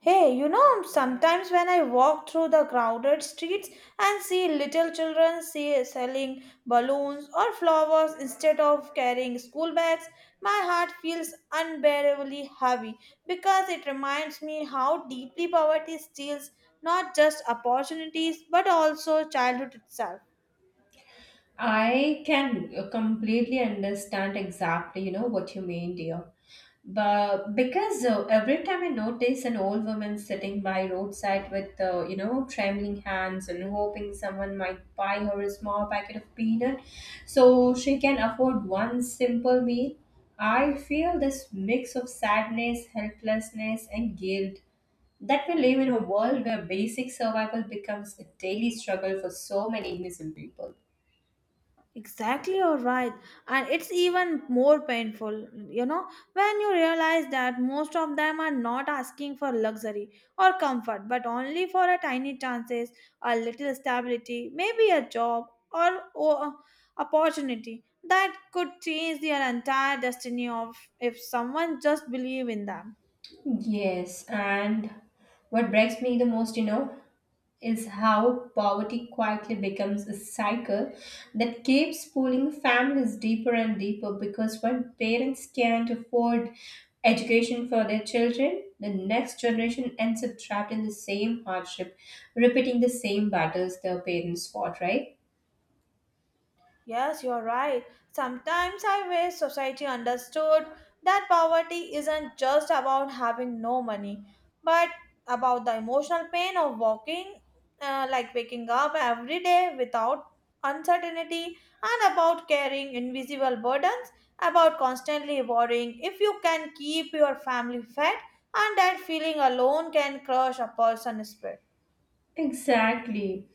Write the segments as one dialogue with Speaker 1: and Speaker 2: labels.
Speaker 1: Hey, you know, sometimes when I walk through the crowded streets and see little children selling balloons or flowers instead of carrying school bags, my heart feels unbearably heavy because it reminds me how deeply poverty steals not just opportunities but also childhood itself.
Speaker 2: I can completely understand exactly, what you mean, dear. But because every time I notice an old woman sitting by roadside with, trembling hands and hoping someone might buy her a small packet of peanut so she can afford one simple meal, I feel this mix of sadness, helplessness, and guilt that we live in a world where basic survival becomes a daily struggle for so many innocent people.
Speaker 1: Exactly, you're right. And it's even more painful, you know, when you realize that most of them are not asking for luxury or comfort, but only for a tiny chances, a little stability, maybe a job or opportunity that could change their entire destiny of if someone just believe in them.
Speaker 2: Yes, and what breaks me the most, is how poverty quietly becomes a cycle that keeps pulling families deeper and deeper because when parents can't afford education for their children, the next generation ends up trapped in the same hardship, repeating the same battles their parents fought, right?
Speaker 1: Yes, you're right. Sometimes I wish society understood that poverty isn't just about having no money, but about the emotional pain of walking, like waking up every day without uncertainty, and about carrying invisible burdens, about constantly worrying if you can keep your family fed, and that feeling alone can crush a person's spirit.
Speaker 2: Exactly.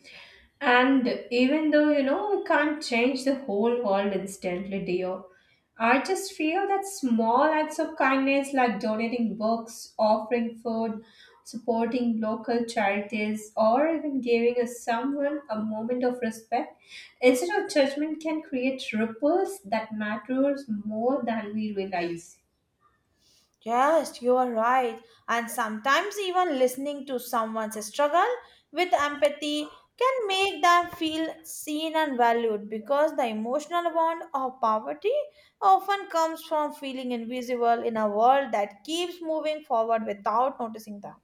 Speaker 2: And even though, we can't change the whole world instantly, dear, I just feel that small acts of kindness like donating books, offering food, supporting local charities, or even giving a someone a moment of respect instead of judgment can create ripples that matters more than we realize.
Speaker 1: Yes, you are right. And sometimes, even listening to someone's struggle with empathy can make them feel seen and valued because the emotional bond of poverty often comes from feeling invisible in a world that keeps moving forward without noticing them.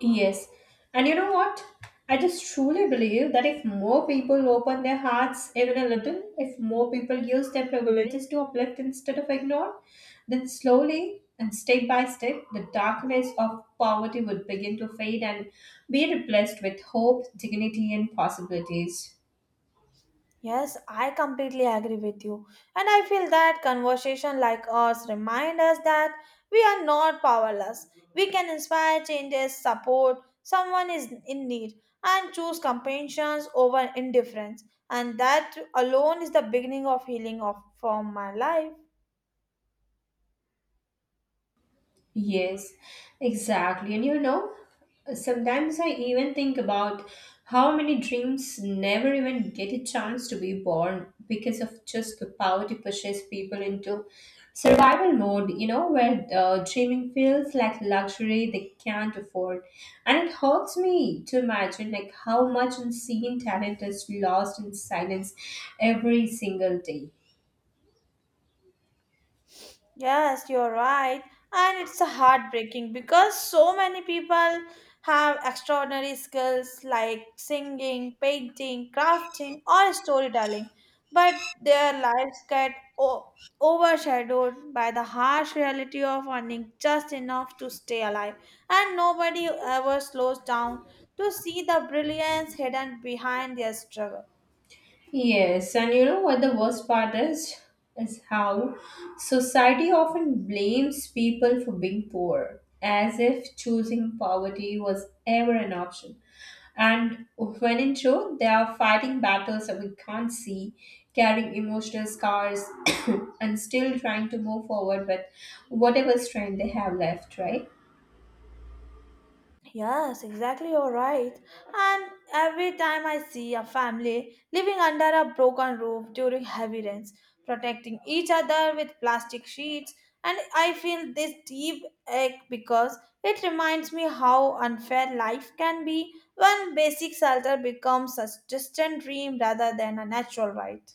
Speaker 2: Yes. And you know what? I just truly believe that if more people open their hearts even a little, if more people use their privileges to uplift instead of ignore, then slowly and step by step, the darkness of poverty would begin to fade and be replaced with hope, dignity, and possibilities.
Speaker 1: Yes, I completely agree with you. And I feel that conversation like ours remind us that we are not powerless. We can inspire changes, support someone is in need, and choose compassion over indifference. And that alone is the beginning of healing of from my life.
Speaker 2: Yes, exactly. And sometimes I even think about how many dreams never even get a chance to be born because of just the power to pushes people into survival mode, where dreaming feels like luxury they can't afford. And it hurts me to imagine like how much unseen talent is lost in silence every single day.
Speaker 1: Yes, you're right. And it's a heartbreaking because so many people have extraordinary skills like singing, painting, crafting, or storytelling, but their lives get o- overshadowed by the harsh reality of earning just enough to stay alive. And nobody ever slows down to see the brilliance hidden behind their struggle.
Speaker 2: Yes, and you know what the worst part is? Is how society often blames people for being poor, as if choosing poverty was ever an option. And when in truth, they are fighting battles that we can't see, carrying emotional scars, and still trying to move forward with whatever strength they have left, right?
Speaker 1: Yes, exactly, you're right. And every time I see a family living under a broken roof during heavy rains, protecting each other with plastic sheets, and I feel this deep ache because it reminds me how unfair life can be when basic shelter becomes a distant dream rather than a natural right.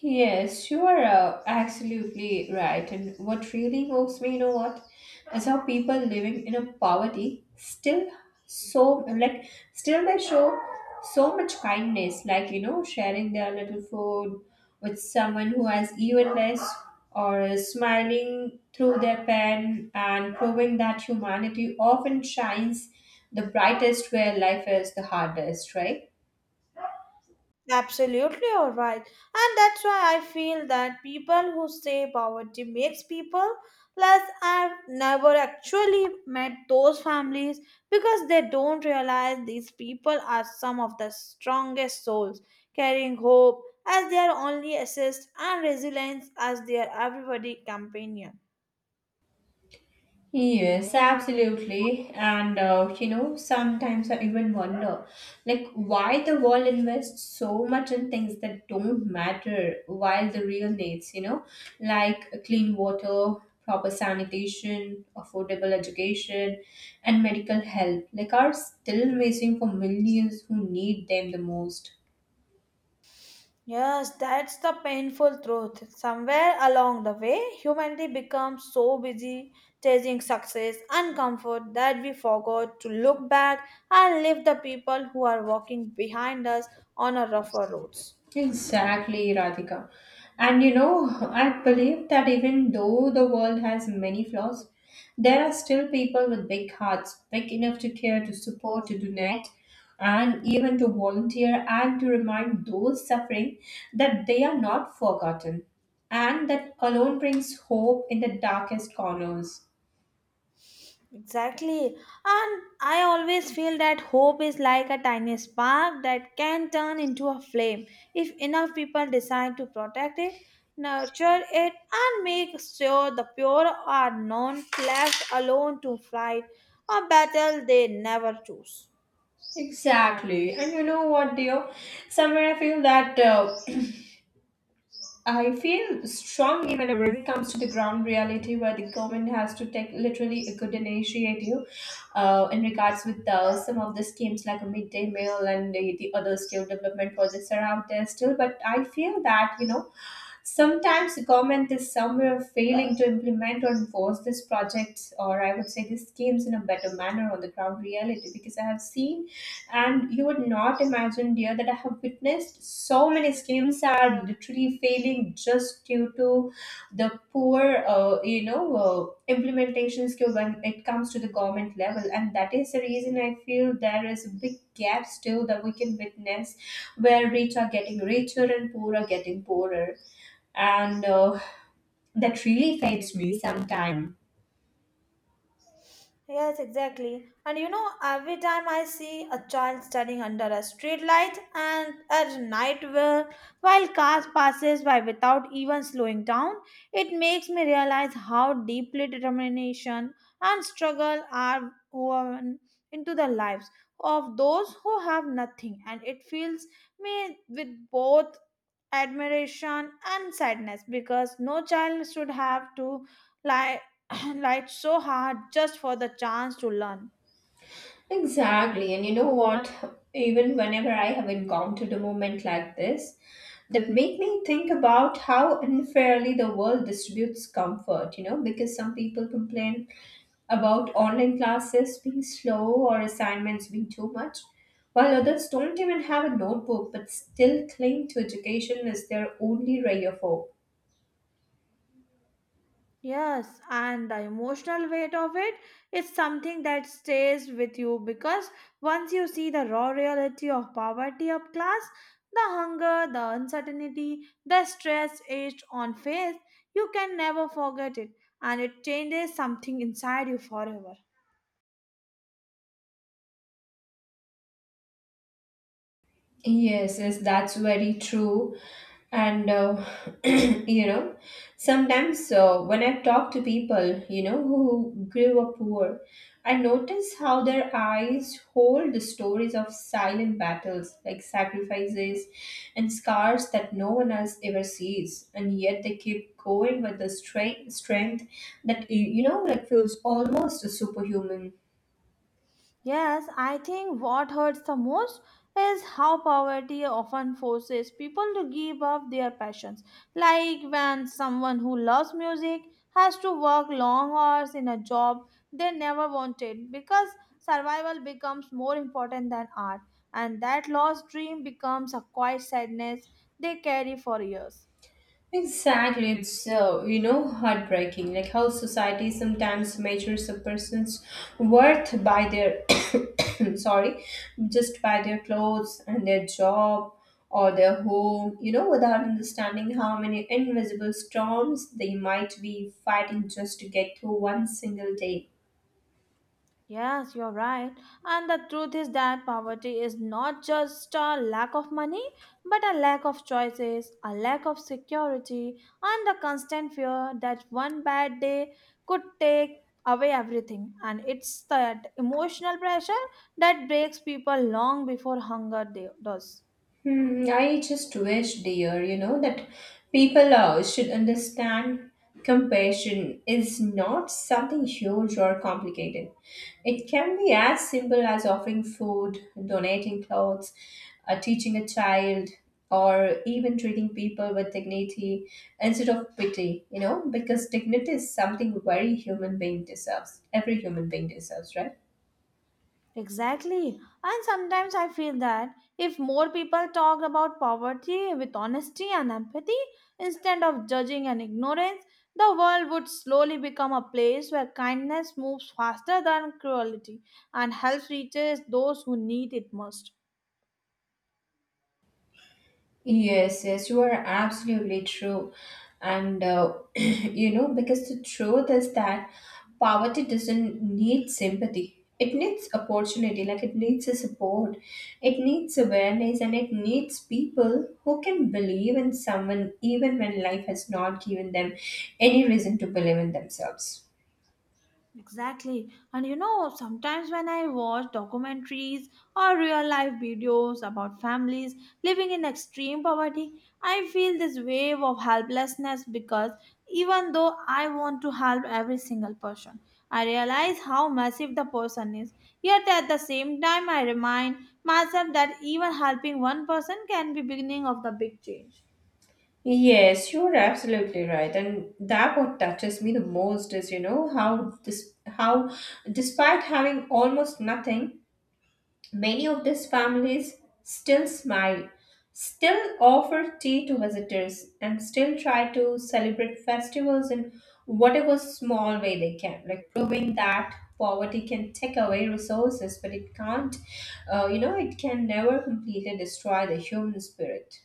Speaker 2: Yes, you are absolutely right. And what really moves me, is how people living in a poverty still they show so much kindness, like sharing their little food with someone who has even less, or smiling through their pen and proving that humanity often shines the brightest where life is the hardest, right?
Speaker 1: Absolutely, all right. And that's why I feel that people who say poverty makes people less have never actually met those families because they don't realize these people are some of the strongest souls, carrying hope as their only assist and resilience as their everybody companion.
Speaker 2: Yes, absolutely. And sometimes I even wonder, like, why the world invests so much in things that don't matter, while the real needs, like clean water, proper sanitation, affordable education, and medical help, like, are still missing for millions who need them the most.
Speaker 1: Yes, that's the painful truth. Somewhere along the way, humanity becomes so busy chasing success and comfort that we forgot to look back and lift the people who are walking behind us on a rougher roads.
Speaker 2: Exactly, Radhika. And I believe that even though the world has many flaws, there are still people with big hearts, big enough to care, to support, to donate, and even to volunteer and to remind those suffering that they are not forgotten. And that alone brings hope in the darkest corners.
Speaker 1: Exactly. And I always feel that hope is like a tiny spark that can turn into a flame if enough people decide to protect it, nurture it, and make sure the pure are not left alone to fight a battle they never choose.
Speaker 2: Exactly. And you know what, dear? Somewhere I feel that I feel strongly whenever it comes to the ground reality where the government has to take literally a good initiative in regards with some of the schemes like a midday meal and the other skill development projects are out there still. But I feel that, sometimes the government is somewhere failing to implement or enforce these projects, or I would say these schemes in a better manner on the ground reality. Because I have seen, and you would not imagine, dear, that I have witnessed so many schemes are literally failing just due to the poor, implementation skill when it comes to the government level, and that is the reason I feel there is a big gap still that we can witness, where rich are getting richer and poor are getting poorer and that really fades me sometime.
Speaker 1: Yes, exactly. And you know, every time I see a child standing under a street light and at night where, while cars passes by without even slowing down, it makes me realize how deeply determination and struggle are woven into the lives of those who have nothing. And it fills me with both admiration and sadness because no child should have to lie like so hard just for the chance to learn.
Speaker 2: Exactly, and you know what? Even whenever I have encountered a moment like this, that make me think about how unfairly the world distributes comfort. You know, because some people complain about online classes being slow or assignments being too much, while others don't even have a notebook but still cling to education as their only ray of hope.
Speaker 1: Yes, and the emotional weight of it is something that stays with you because once you see the raw reality of poverty of class, the hunger, the uncertainty, the stress etched on face, you can never forget it and it changes something inside you forever.
Speaker 2: Yes, yes, that's very true. And you know sometimes when I talk to people who grew up poor, I notice how their eyes hold the stories of silent battles like sacrifices and scars that no one else ever sees, and yet they keep going with the strength that like feels almost superhuman.
Speaker 1: Yes, I think what hurts the most is how poverty often forces people to give up their passions. Like when someone who loves music has to work long hours in a job they never wanted because survival becomes more important than art, and that lost dream becomes a quiet sadness they carry for years.
Speaker 2: Exactly, it's heartbreaking, like how society sometimes measures a person's worth by their sorry, just by their clothes and their job or their home, without understanding how many invisible storms they might be fighting just to get through one single day.
Speaker 1: Yes, you're right. And the truth is that poverty is not just a lack of money, but a lack of choices, a lack of security, and the constant fear that one bad day could take away everything. And it's that emotional pressure that breaks people long before hunger does.
Speaker 2: Hmm, I just wish, dear, that people should understand compassion is not something huge or complicated. It can be as simple as offering food, donating clothes, teaching a child, or even treating people with dignity instead of pity, because dignity is something very human being deserves. Every human being deserves, right?
Speaker 1: Exactly. And sometimes I feel that if more people talked about poverty with honesty and empathy instead of judging and ignorance, the world would slowly become a place where kindness moves faster than cruelty and help reaches those who need it most.
Speaker 2: Yes, yes, you are absolutely true. And because the truth is that poverty doesn't need sympathy. It needs opportunity, like it needs a support. It needs awareness and it needs people who can believe in someone even when life has not given them any reason to believe in themselves.
Speaker 1: Exactly. And you know, sometimes when I watch documentaries or real life videos about families living in extreme poverty, I feel this wave of helplessness because even though I want to help every single person, I realize how massive the person is. Yet at the same time, I remind myself that even helping one person can be beginning of the big change.
Speaker 2: Yes, you're absolutely right. And that what touches me the most is, how this how despite having almost nothing, many of these families still smile, still offer tea to visitors, and still try to celebrate festivals in whatever small way they can, like proving that poverty can take away resources, but it can't, it can never completely destroy the human spirit.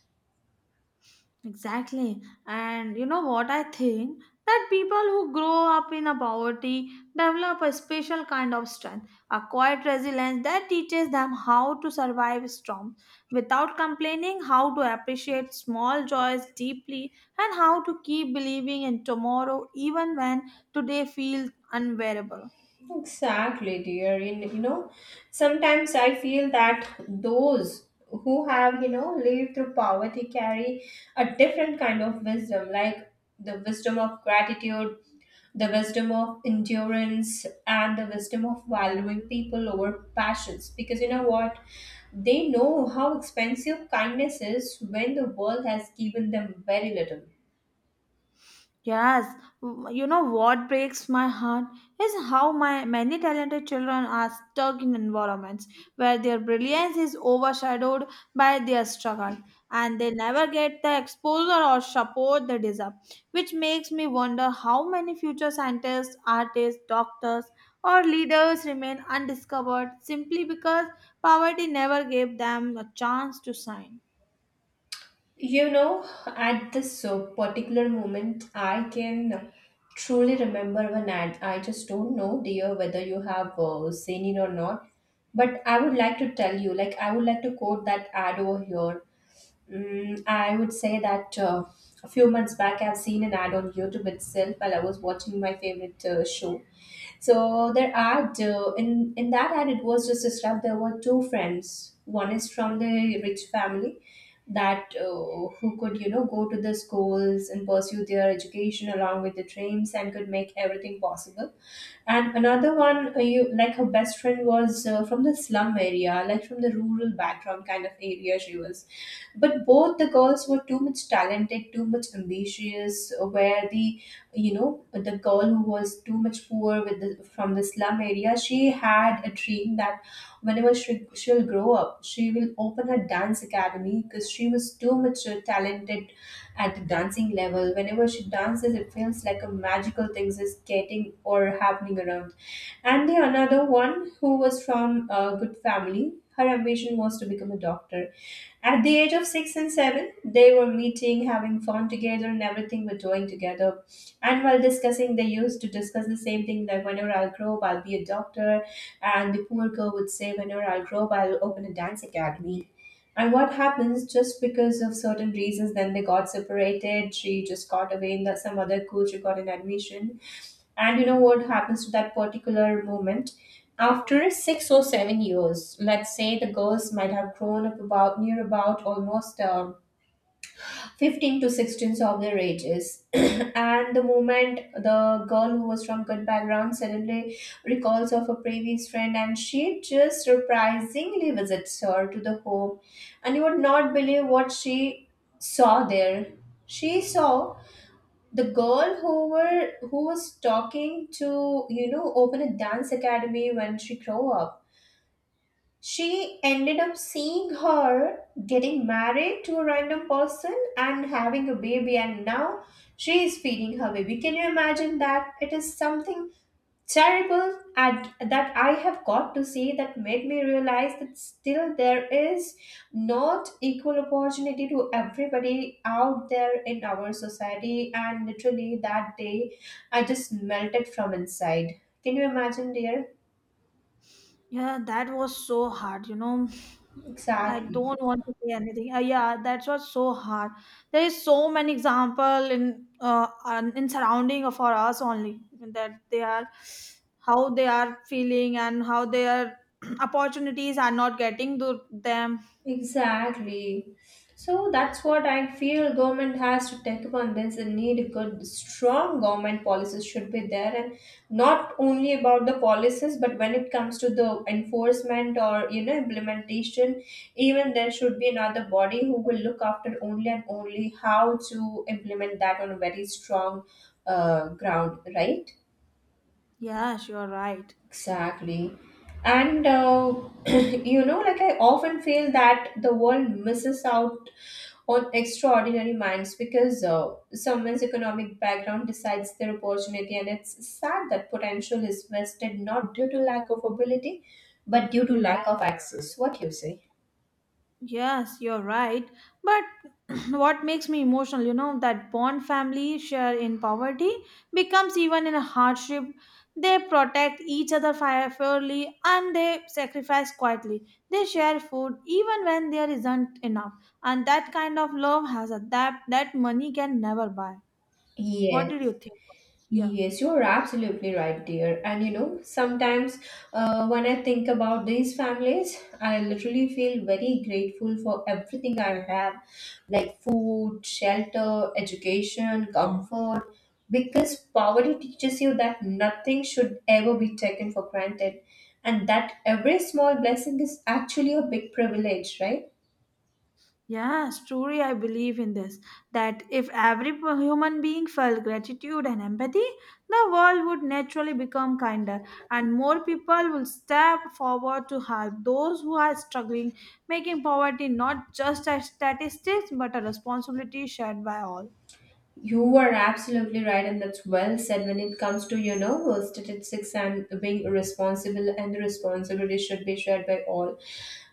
Speaker 1: Exactly. And you know what I think? That people who grow up in a poverty develop a special kind of strength, a quiet resilience that teaches them how to survive storms without complaining, how to appreciate small joys deeply, and how to keep believing in tomorrow even when today feels unbearable.
Speaker 2: Exactly, dear. In sometimes I feel that those who have lived through poverty carry a different kind of wisdom, like the wisdom of gratitude, the wisdom of endurance, and the wisdom of valuing people over passions. Because they know how expensive kindness is when the world has given them very little.
Speaker 1: Yes, you know what breaks my heart is how my many talented children are stuck in environments where their brilliance is overshadowed by their struggle and they never get the exposure or support they deserve, which makes me wonder how many future scientists, artists, doctors, or leaders remain undiscovered simply because poverty never gave them a chance to shine.
Speaker 2: At this particular moment, I can truly remember one ad. I just don't know, dear, whether you have seen it or not. But I would like to tell you, like, I would like to quote that ad over here. I would say that a few months back, I've seen an ad on YouTube itself while I was watching my favorite show. So there are two. In that ad, it was just described. There were two friends. One is from the rich family that who could go to the schools and pursue their education along with the dreams and could make everything possible, and another one, you like her best friend was from the slum area, like from the rural background kind of area she was. But both the girls were too much talented, too much ambitious. Where the you know the girl who was too much poor with the from the slum area, she had a dream that whenever she'll grow up, she will open her dance academy because she was too much talented at the dancing level. Whenever she dances, it feels like a magical things is getting or happening around. And the another one who was from a good family, her ambition was to become a doctor. At the age of 6 and 7, they were meeting, having fun together, and everything were doing together. And while discussing, they used to discuss the same thing that whenever I'll grow up, I'll be a doctor. And the poor girl would say, whenever I'll grow up, I'll open a dance academy. And what happens just because of certain reasons, then they got separated. She just got away in the, some other school, she got an admission, and you know what happens to that particular moment? After 6 or 7 years, let's say the girls might have grown up about near about almost 15 to 16 of their ages. And the moment the girl who was from good background suddenly recalls of a previous friend, and she just surprisingly visits her to the home, and you would not believe what she saw there. She saw the girl who were who was talking to open a dance academy. When she grew up, she ended up seeing her getting married to a random person and having a baby, and now she is feeding her baby. Can you imagine that? It is something terrible that I have got to say, that made me realize that still there is not equal opportunity to everybody out there in our society. And literally that day, I just melted from inside. Can you imagine, dear?
Speaker 1: Yeah, that was so hard. You know, I
Speaker 2: Exactly.
Speaker 1: don't want to say anything. Yeah, that was so hard. There is so many example in in surrounding of for us only that they are how they are feeling and how their opportunities are not getting to them.
Speaker 2: Exactly. So that's what I feel, government has to take up on this, and need a good strong government policies should be there. And not only about the policies, but when it comes to the enforcement or, you know, implementation, even there should be another body who will look after only and only how to implement that on a very strong ground, right?
Speaker 1: Yes, you're right.
Speaker 2: Exactly. And you know, like I often feel that the world misses out on extraordinary minds because someone's economic background decides their opportunity, and it's sad that potential is wasted not due to lack of ability, but due to lack of access. What you say?
Speaker 1: Yes, you're right. But what makes me emotional, you know, that bond family share in poverty becomes even in a hardship. They protect each other fairly and they sacrifice quietly. They share food even when there isn't enough. And that kind of love has a depth that money can never buy. What
Speaker 2: Yes.
Speaker 1: did you think? Yeah.
Speaker 2: Yes, you're absolutely right, dear. And you know, sometimes when I think about these families, I literally feel very grateful for everything I have, like food, shelter, education, comfort, because poverty teaches you that nothing should ever be taken for granted, and that every small blessing is actually a big privilege, right?
Speaker 1: Yes, truly, I believe in this that if every human being felt gratitude and empathy, the world would naturally become kinder and more people will step forward to help those who are struggling, making poverty not just a statistic, but a responsibility shared by all.
Speaker 2: You are absolutely right, and that's well said when it comes to, you know, statistics and being responsible, and the responsibility should be shared by all.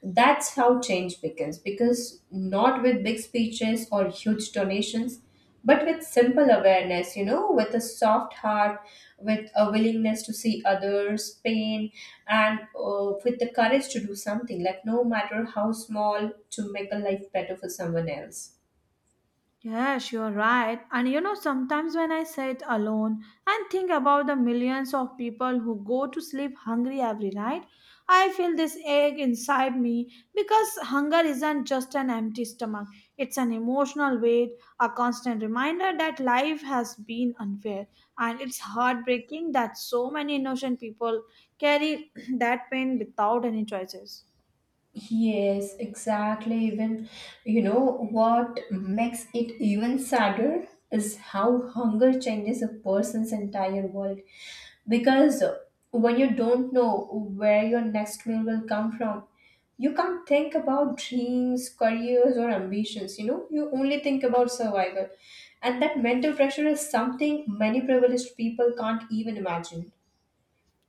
Speaker 2: That's how change begins, because not with big speeches or huge donations, but with simple awareness, you know, with a soft heart, with a willingness to see others' pain, and with the courage to do something, like no matter how small, to make a life better for someone else.
Speaker 1: Yes, you're right. And you know, sometimes when I sit alone and think about the millions of people who go to sleep hungry every night, I feel this ache inside me because hunger isn't just an empty stomach, it's an emotional weight, a constant reminder that life has been unfair. And it's heartbreaking that so many innocent people carry that pain without any choices.
Speaker 2: Yes, exactly. Even, you know, what makes it even sadder is how hunger changes a person's entire world. Because when you don't know where your next meal will come from, you can't think about dreams, careers, or ambitions. You know, you only think about survival. And that mental pressure is something many privileged people can't even imagine.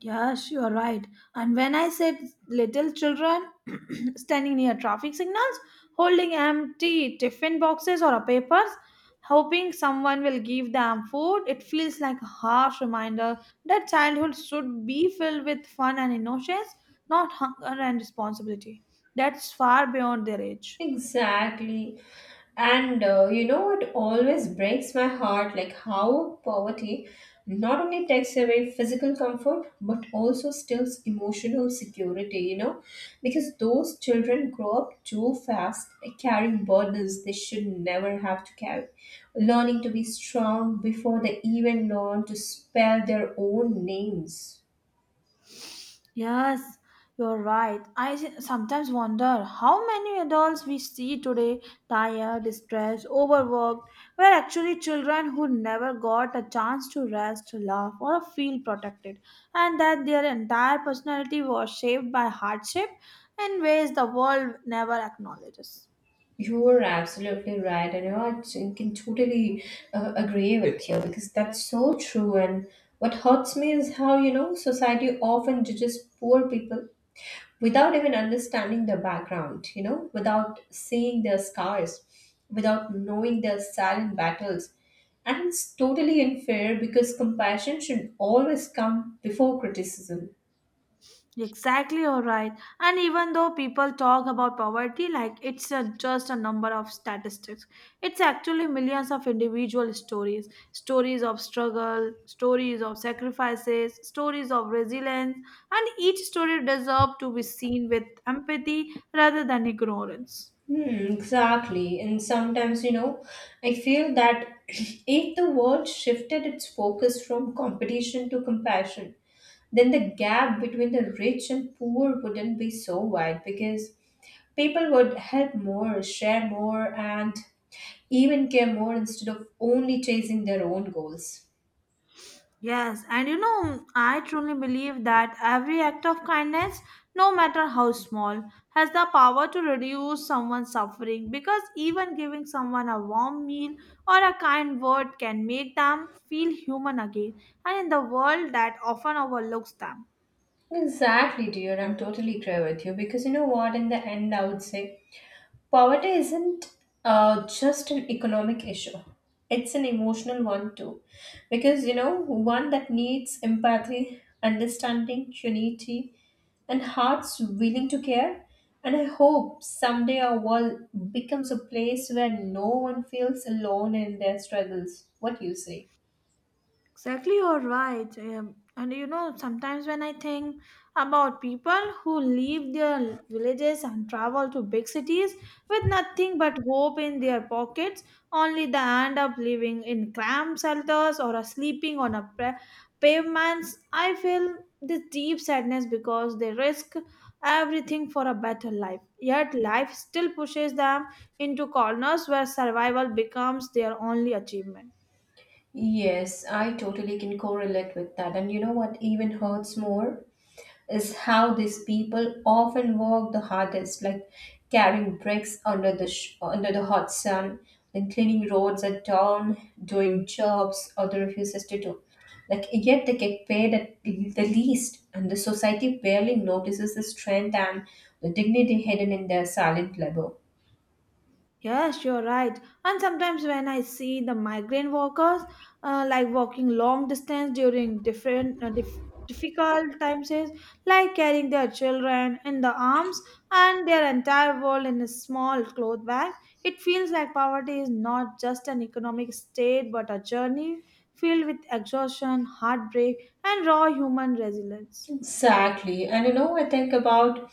Speaker 1: Yes, you are right. And when I said little children standing near traffic signals, holding empty tiffin boxes or papers, hoping someone will give them food, it feels like a harsh reminder that childhood should be filled with fun and innocence, not hunger and responsibility. That's far beyond their age.
Speaker 2: Exactly. And you know what always breaks my heart? Like how poverty not only takes away physical comfort but also steals emotional security, you know? Because those children grow up too fast, like, carrying burdens they should never have to carry, learning to be strong before they even learn to spell their own names.
Speaker 1: Yes, you're right. I sometimes wonder how many adults we see today, tired, stressed, overworked, were actually children who never got a chance to rest, laugh, or feel protected, and that their entire personality was shaped by hardship in ways the world never acknowledges.
Speaker 2: You are absolutely right, and you know, can totally agree with you because that's so true. And what hurts me is how, you know, society often judges poor people without even understanding their background, you know, without seeing their scars, without knowing their silent battles. And it's totally unfair because compassion should always come before criticism.
Speaker 1: Exactly, all right. And even though people talk about poverty like it's a, just a number of statistics, it's actually millions of individual stories stories of struggle, stories of sacrifices, stories of resilience, and each story deserves to be seen with empathy rather than ignorance.
Speaker 2: Hmm, exactly. And sometimes, you know, I feel that if the world shifted its focus from competition to compassion, then the gap between the rich and poor wouldn't be so wide, because people would help more, share more, and even care more instead of only chasing their own goals.
Speaker 1: Yes, and you know, I truly believe that every act of kindness, no matter how small, has the power to reduce someone's suffering because even giving someone a warm meal or a kind word can make them feel human again and in the world that often overlooks them.
Speaker 2: Exactly, dear. I'm totally agree with you because you know what? In the end, I would say poverty isn't just an economic issue, it's an emotional one too. Because you know, one that needs empathy, understanding, unity, and hearts willing to care. And I hope someday our world becomes a place where no one feels alone in their struggles. What do you say?
Speaker 1: Exactly, you're right. And you know, sometimes when I think about people who leave their villages and travel to big cities with nothing but hope in their pockets, only they end up living in cramped shelters or are sleeping on a pavements, I feel this deep sadness because they risk everything for a better life. Yet life still pushes them into corners where survival becomes their only achievement.
Speaker 2: Yes, I totally can correlate with that. And you know what even hurts more is how these people often work the hardest, like carrying bricks under the under the hot sun, then cleaning roads at dawn, doing jobs other refuses to do. Like yet they get paid at the least, and the society barely notices the strength and the dignity hidden in their silent labor.
Speaker 1: Yes, you're right. And sometimes when I see the migrant workers, like walking long distance during different difficult times, is like carrying their children in the arms and their entire world in a small cloth bag, it feels like poverty is not just an economic state but a journey filled with exhaustion, heartbreak, and raw human resilience.
Speaker 2: Exactly. And you know, I think about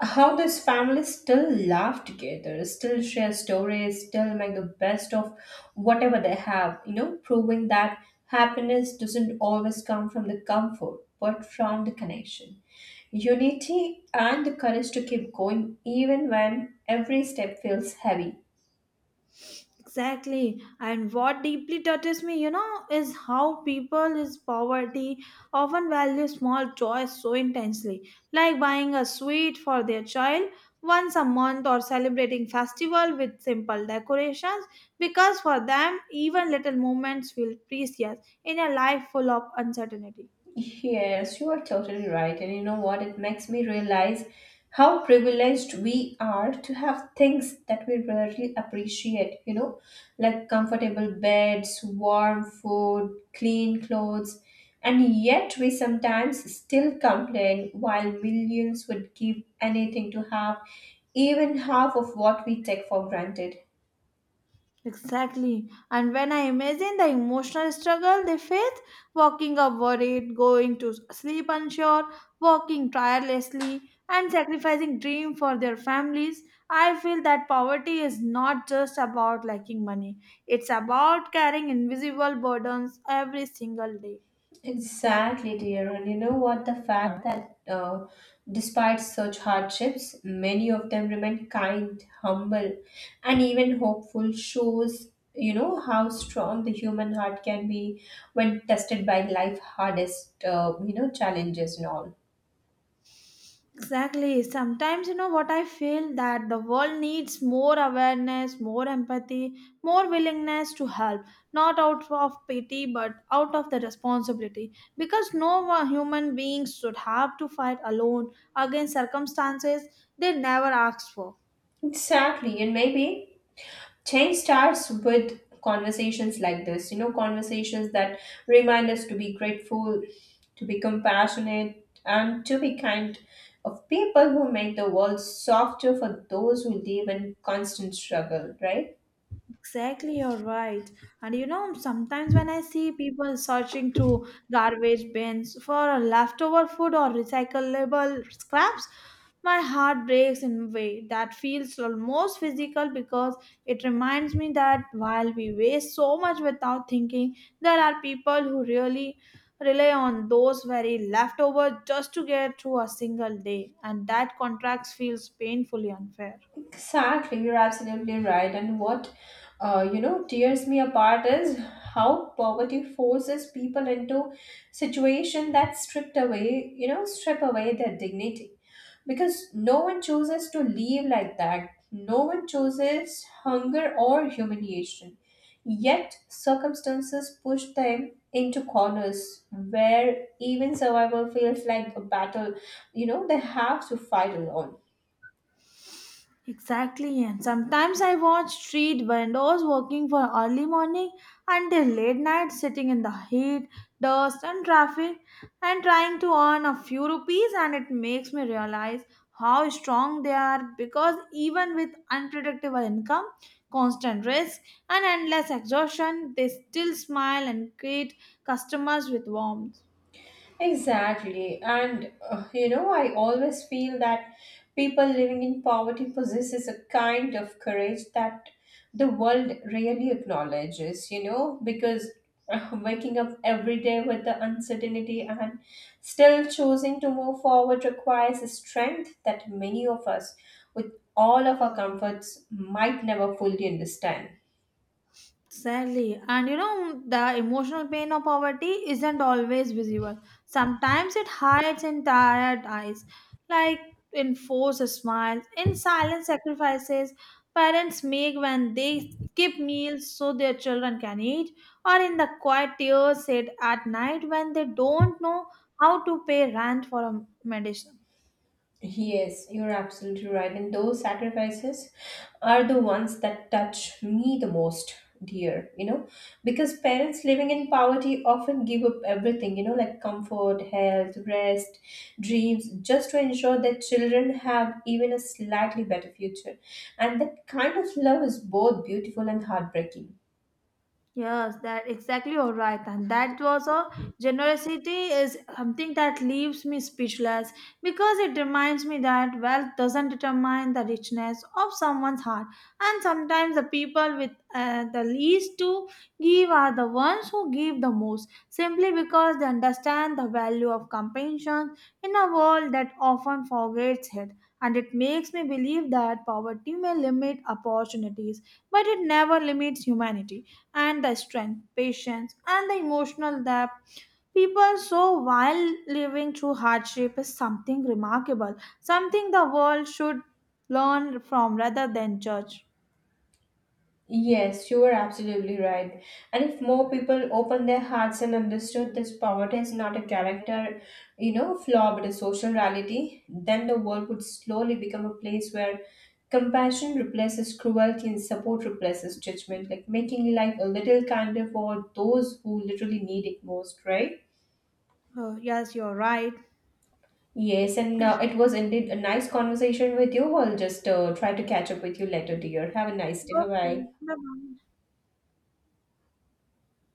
Speaker 2: how this family still laugh together, still share stories, still make the best of whatever they have, you know, proving that happiness doesn't always come from the comfort, but from the connection. Unity and the courage to keep going even when every step feels heavy.
Speaker 1: Exactly. And what deeply touches me, you know, is how people is poverty often value small joys so intensely, like buying a sweet for their child once a month or celebrating festival with simple decorations because for them even little moments feel precious in a life full of uncertainty.
Speaker 2: Yes, you are totally right. And you know what? It makes me realize how privileged we are to have things that we rarely appreciate, you know, like comfortable beds, warm food, clean clothes. And yet we sometimes still complain while millions would give anything to have even half of what we take for granted.
Speaker 1: Exactly. And when I imagine the emotional struggle they face, walking up worried, going to sleep unsure, working tirelessly, and sacrificing dream for their families, I feel that poverty is not just about lacking money. It's about carrying invisible burdens every single day.
Speaker 2: Exactly, dear. And you know what? The fact huh? That despite such hardships, many of them remain kind, humble, and even hopeful shows, you know, how strong the human heart can be when tested by life hardest, you know, challenges and all.
Speaker 1: Exactly. Sometimes, you know, what I feel that the world needs more awareness, more empathy, more willingness to help, not out of pity, but out of the responsibility. Because no one human being should have to fight alone against circumstances they never asked for.
Speaker 2: Exactly. And maybe change starts with conversations like this, you know, conversations that remind us to be grateful, to be compassionate, and to be kind of people who make the world softer for those who live in constant struggle, right?
Speaker 1: Exactly, you're right. And you know, sometimes when I see people searching through garbage bins for leftover food or recyclable scraps, my heart breaks in a way that feels almost physical because it reminds me that while we waste so much without thinking, there are people who really rely on those very leftovers just to get through a single day, and that contrast feels painfully unfair.
Speaker 2: Exactly, you're absolutely right. And what you know tears me apart is how poverty forces people into situation that strip away their dignity, because no one chooses to live like that. No one chooses hunger or humiliation. Yet, circumstances push them into corners where even survival feels like a battle, you know, they have to fight alone.
Speaker 1: Exactly, and sometimes I watch street vendors working from early morning until late night, sitting in the heat, dust, and traffic, and trying to earn a few rupees. And it makes me realize how strong they are because even with unpredictable income, constant risk, and endless exhaustion, they still smile and greet customers with warmth.
Speaker 2: Exactly. And you know, I always feel that people living in poverty possesses a kind of courage that the world really acknowledges, you know, because waking up every day with the uncertainty and still choosing to move forward requires a strength that many of us with all of our comforts might never fully understand.
Speaker 1: Sadly, and you know, the emotional pain of poverty isn't always visible. Sometimes it hides in tired eyes, like in forced smiles, in silent sacrifices parents make when they skip meals so their children can eat, or in the quiet tears said at night when they don't know how to pay rent for a medicine.
Speaker 2: Yes, you're absolutely right. And those sacrifices are the ones that touch me the most, dear, you know, because parents living in poverty often give up everything, you know, like comfort, health, rest, dreams, just to ensure that children have even a slightly better future. And that kind of love is both beautiful and heartbreaking.
Speaker 1: Yes, that exactly all right, and that was a generosity is something that leaves me speechless because it reminds me that wealth doesn't determine the richness of someone's heart, and sometimes the people with the least to give are the ones who give the most simply because they understand the value of compassion in a world that often forgets it. And it makes me believe that poverty may limit opportunities, but it never limits humanity and the strength, patience, and the emotional depth. People so while living through hardship is something remarkable, something the world should learn from rather than judge.
Speaker 2: Yes, you are absolutely right. And if more people open their hearts and understood this, poverty is not a character, you know, flaw but a social reality, then the world would slowly become a place where compassion replaces cruelty and support replaces judgment, like making life a little kinder for those who literally need it most, right?
Speaker 1: Oh, yes, you're right.
Speaker 2: Yes, and it was indeed a nice conversation with you. I'll just try to catch up with you later, dear. Have a nice day. Bye
Speaker 1: Okay,
Speaker 2: bye.
Speaker 1: bye-bye.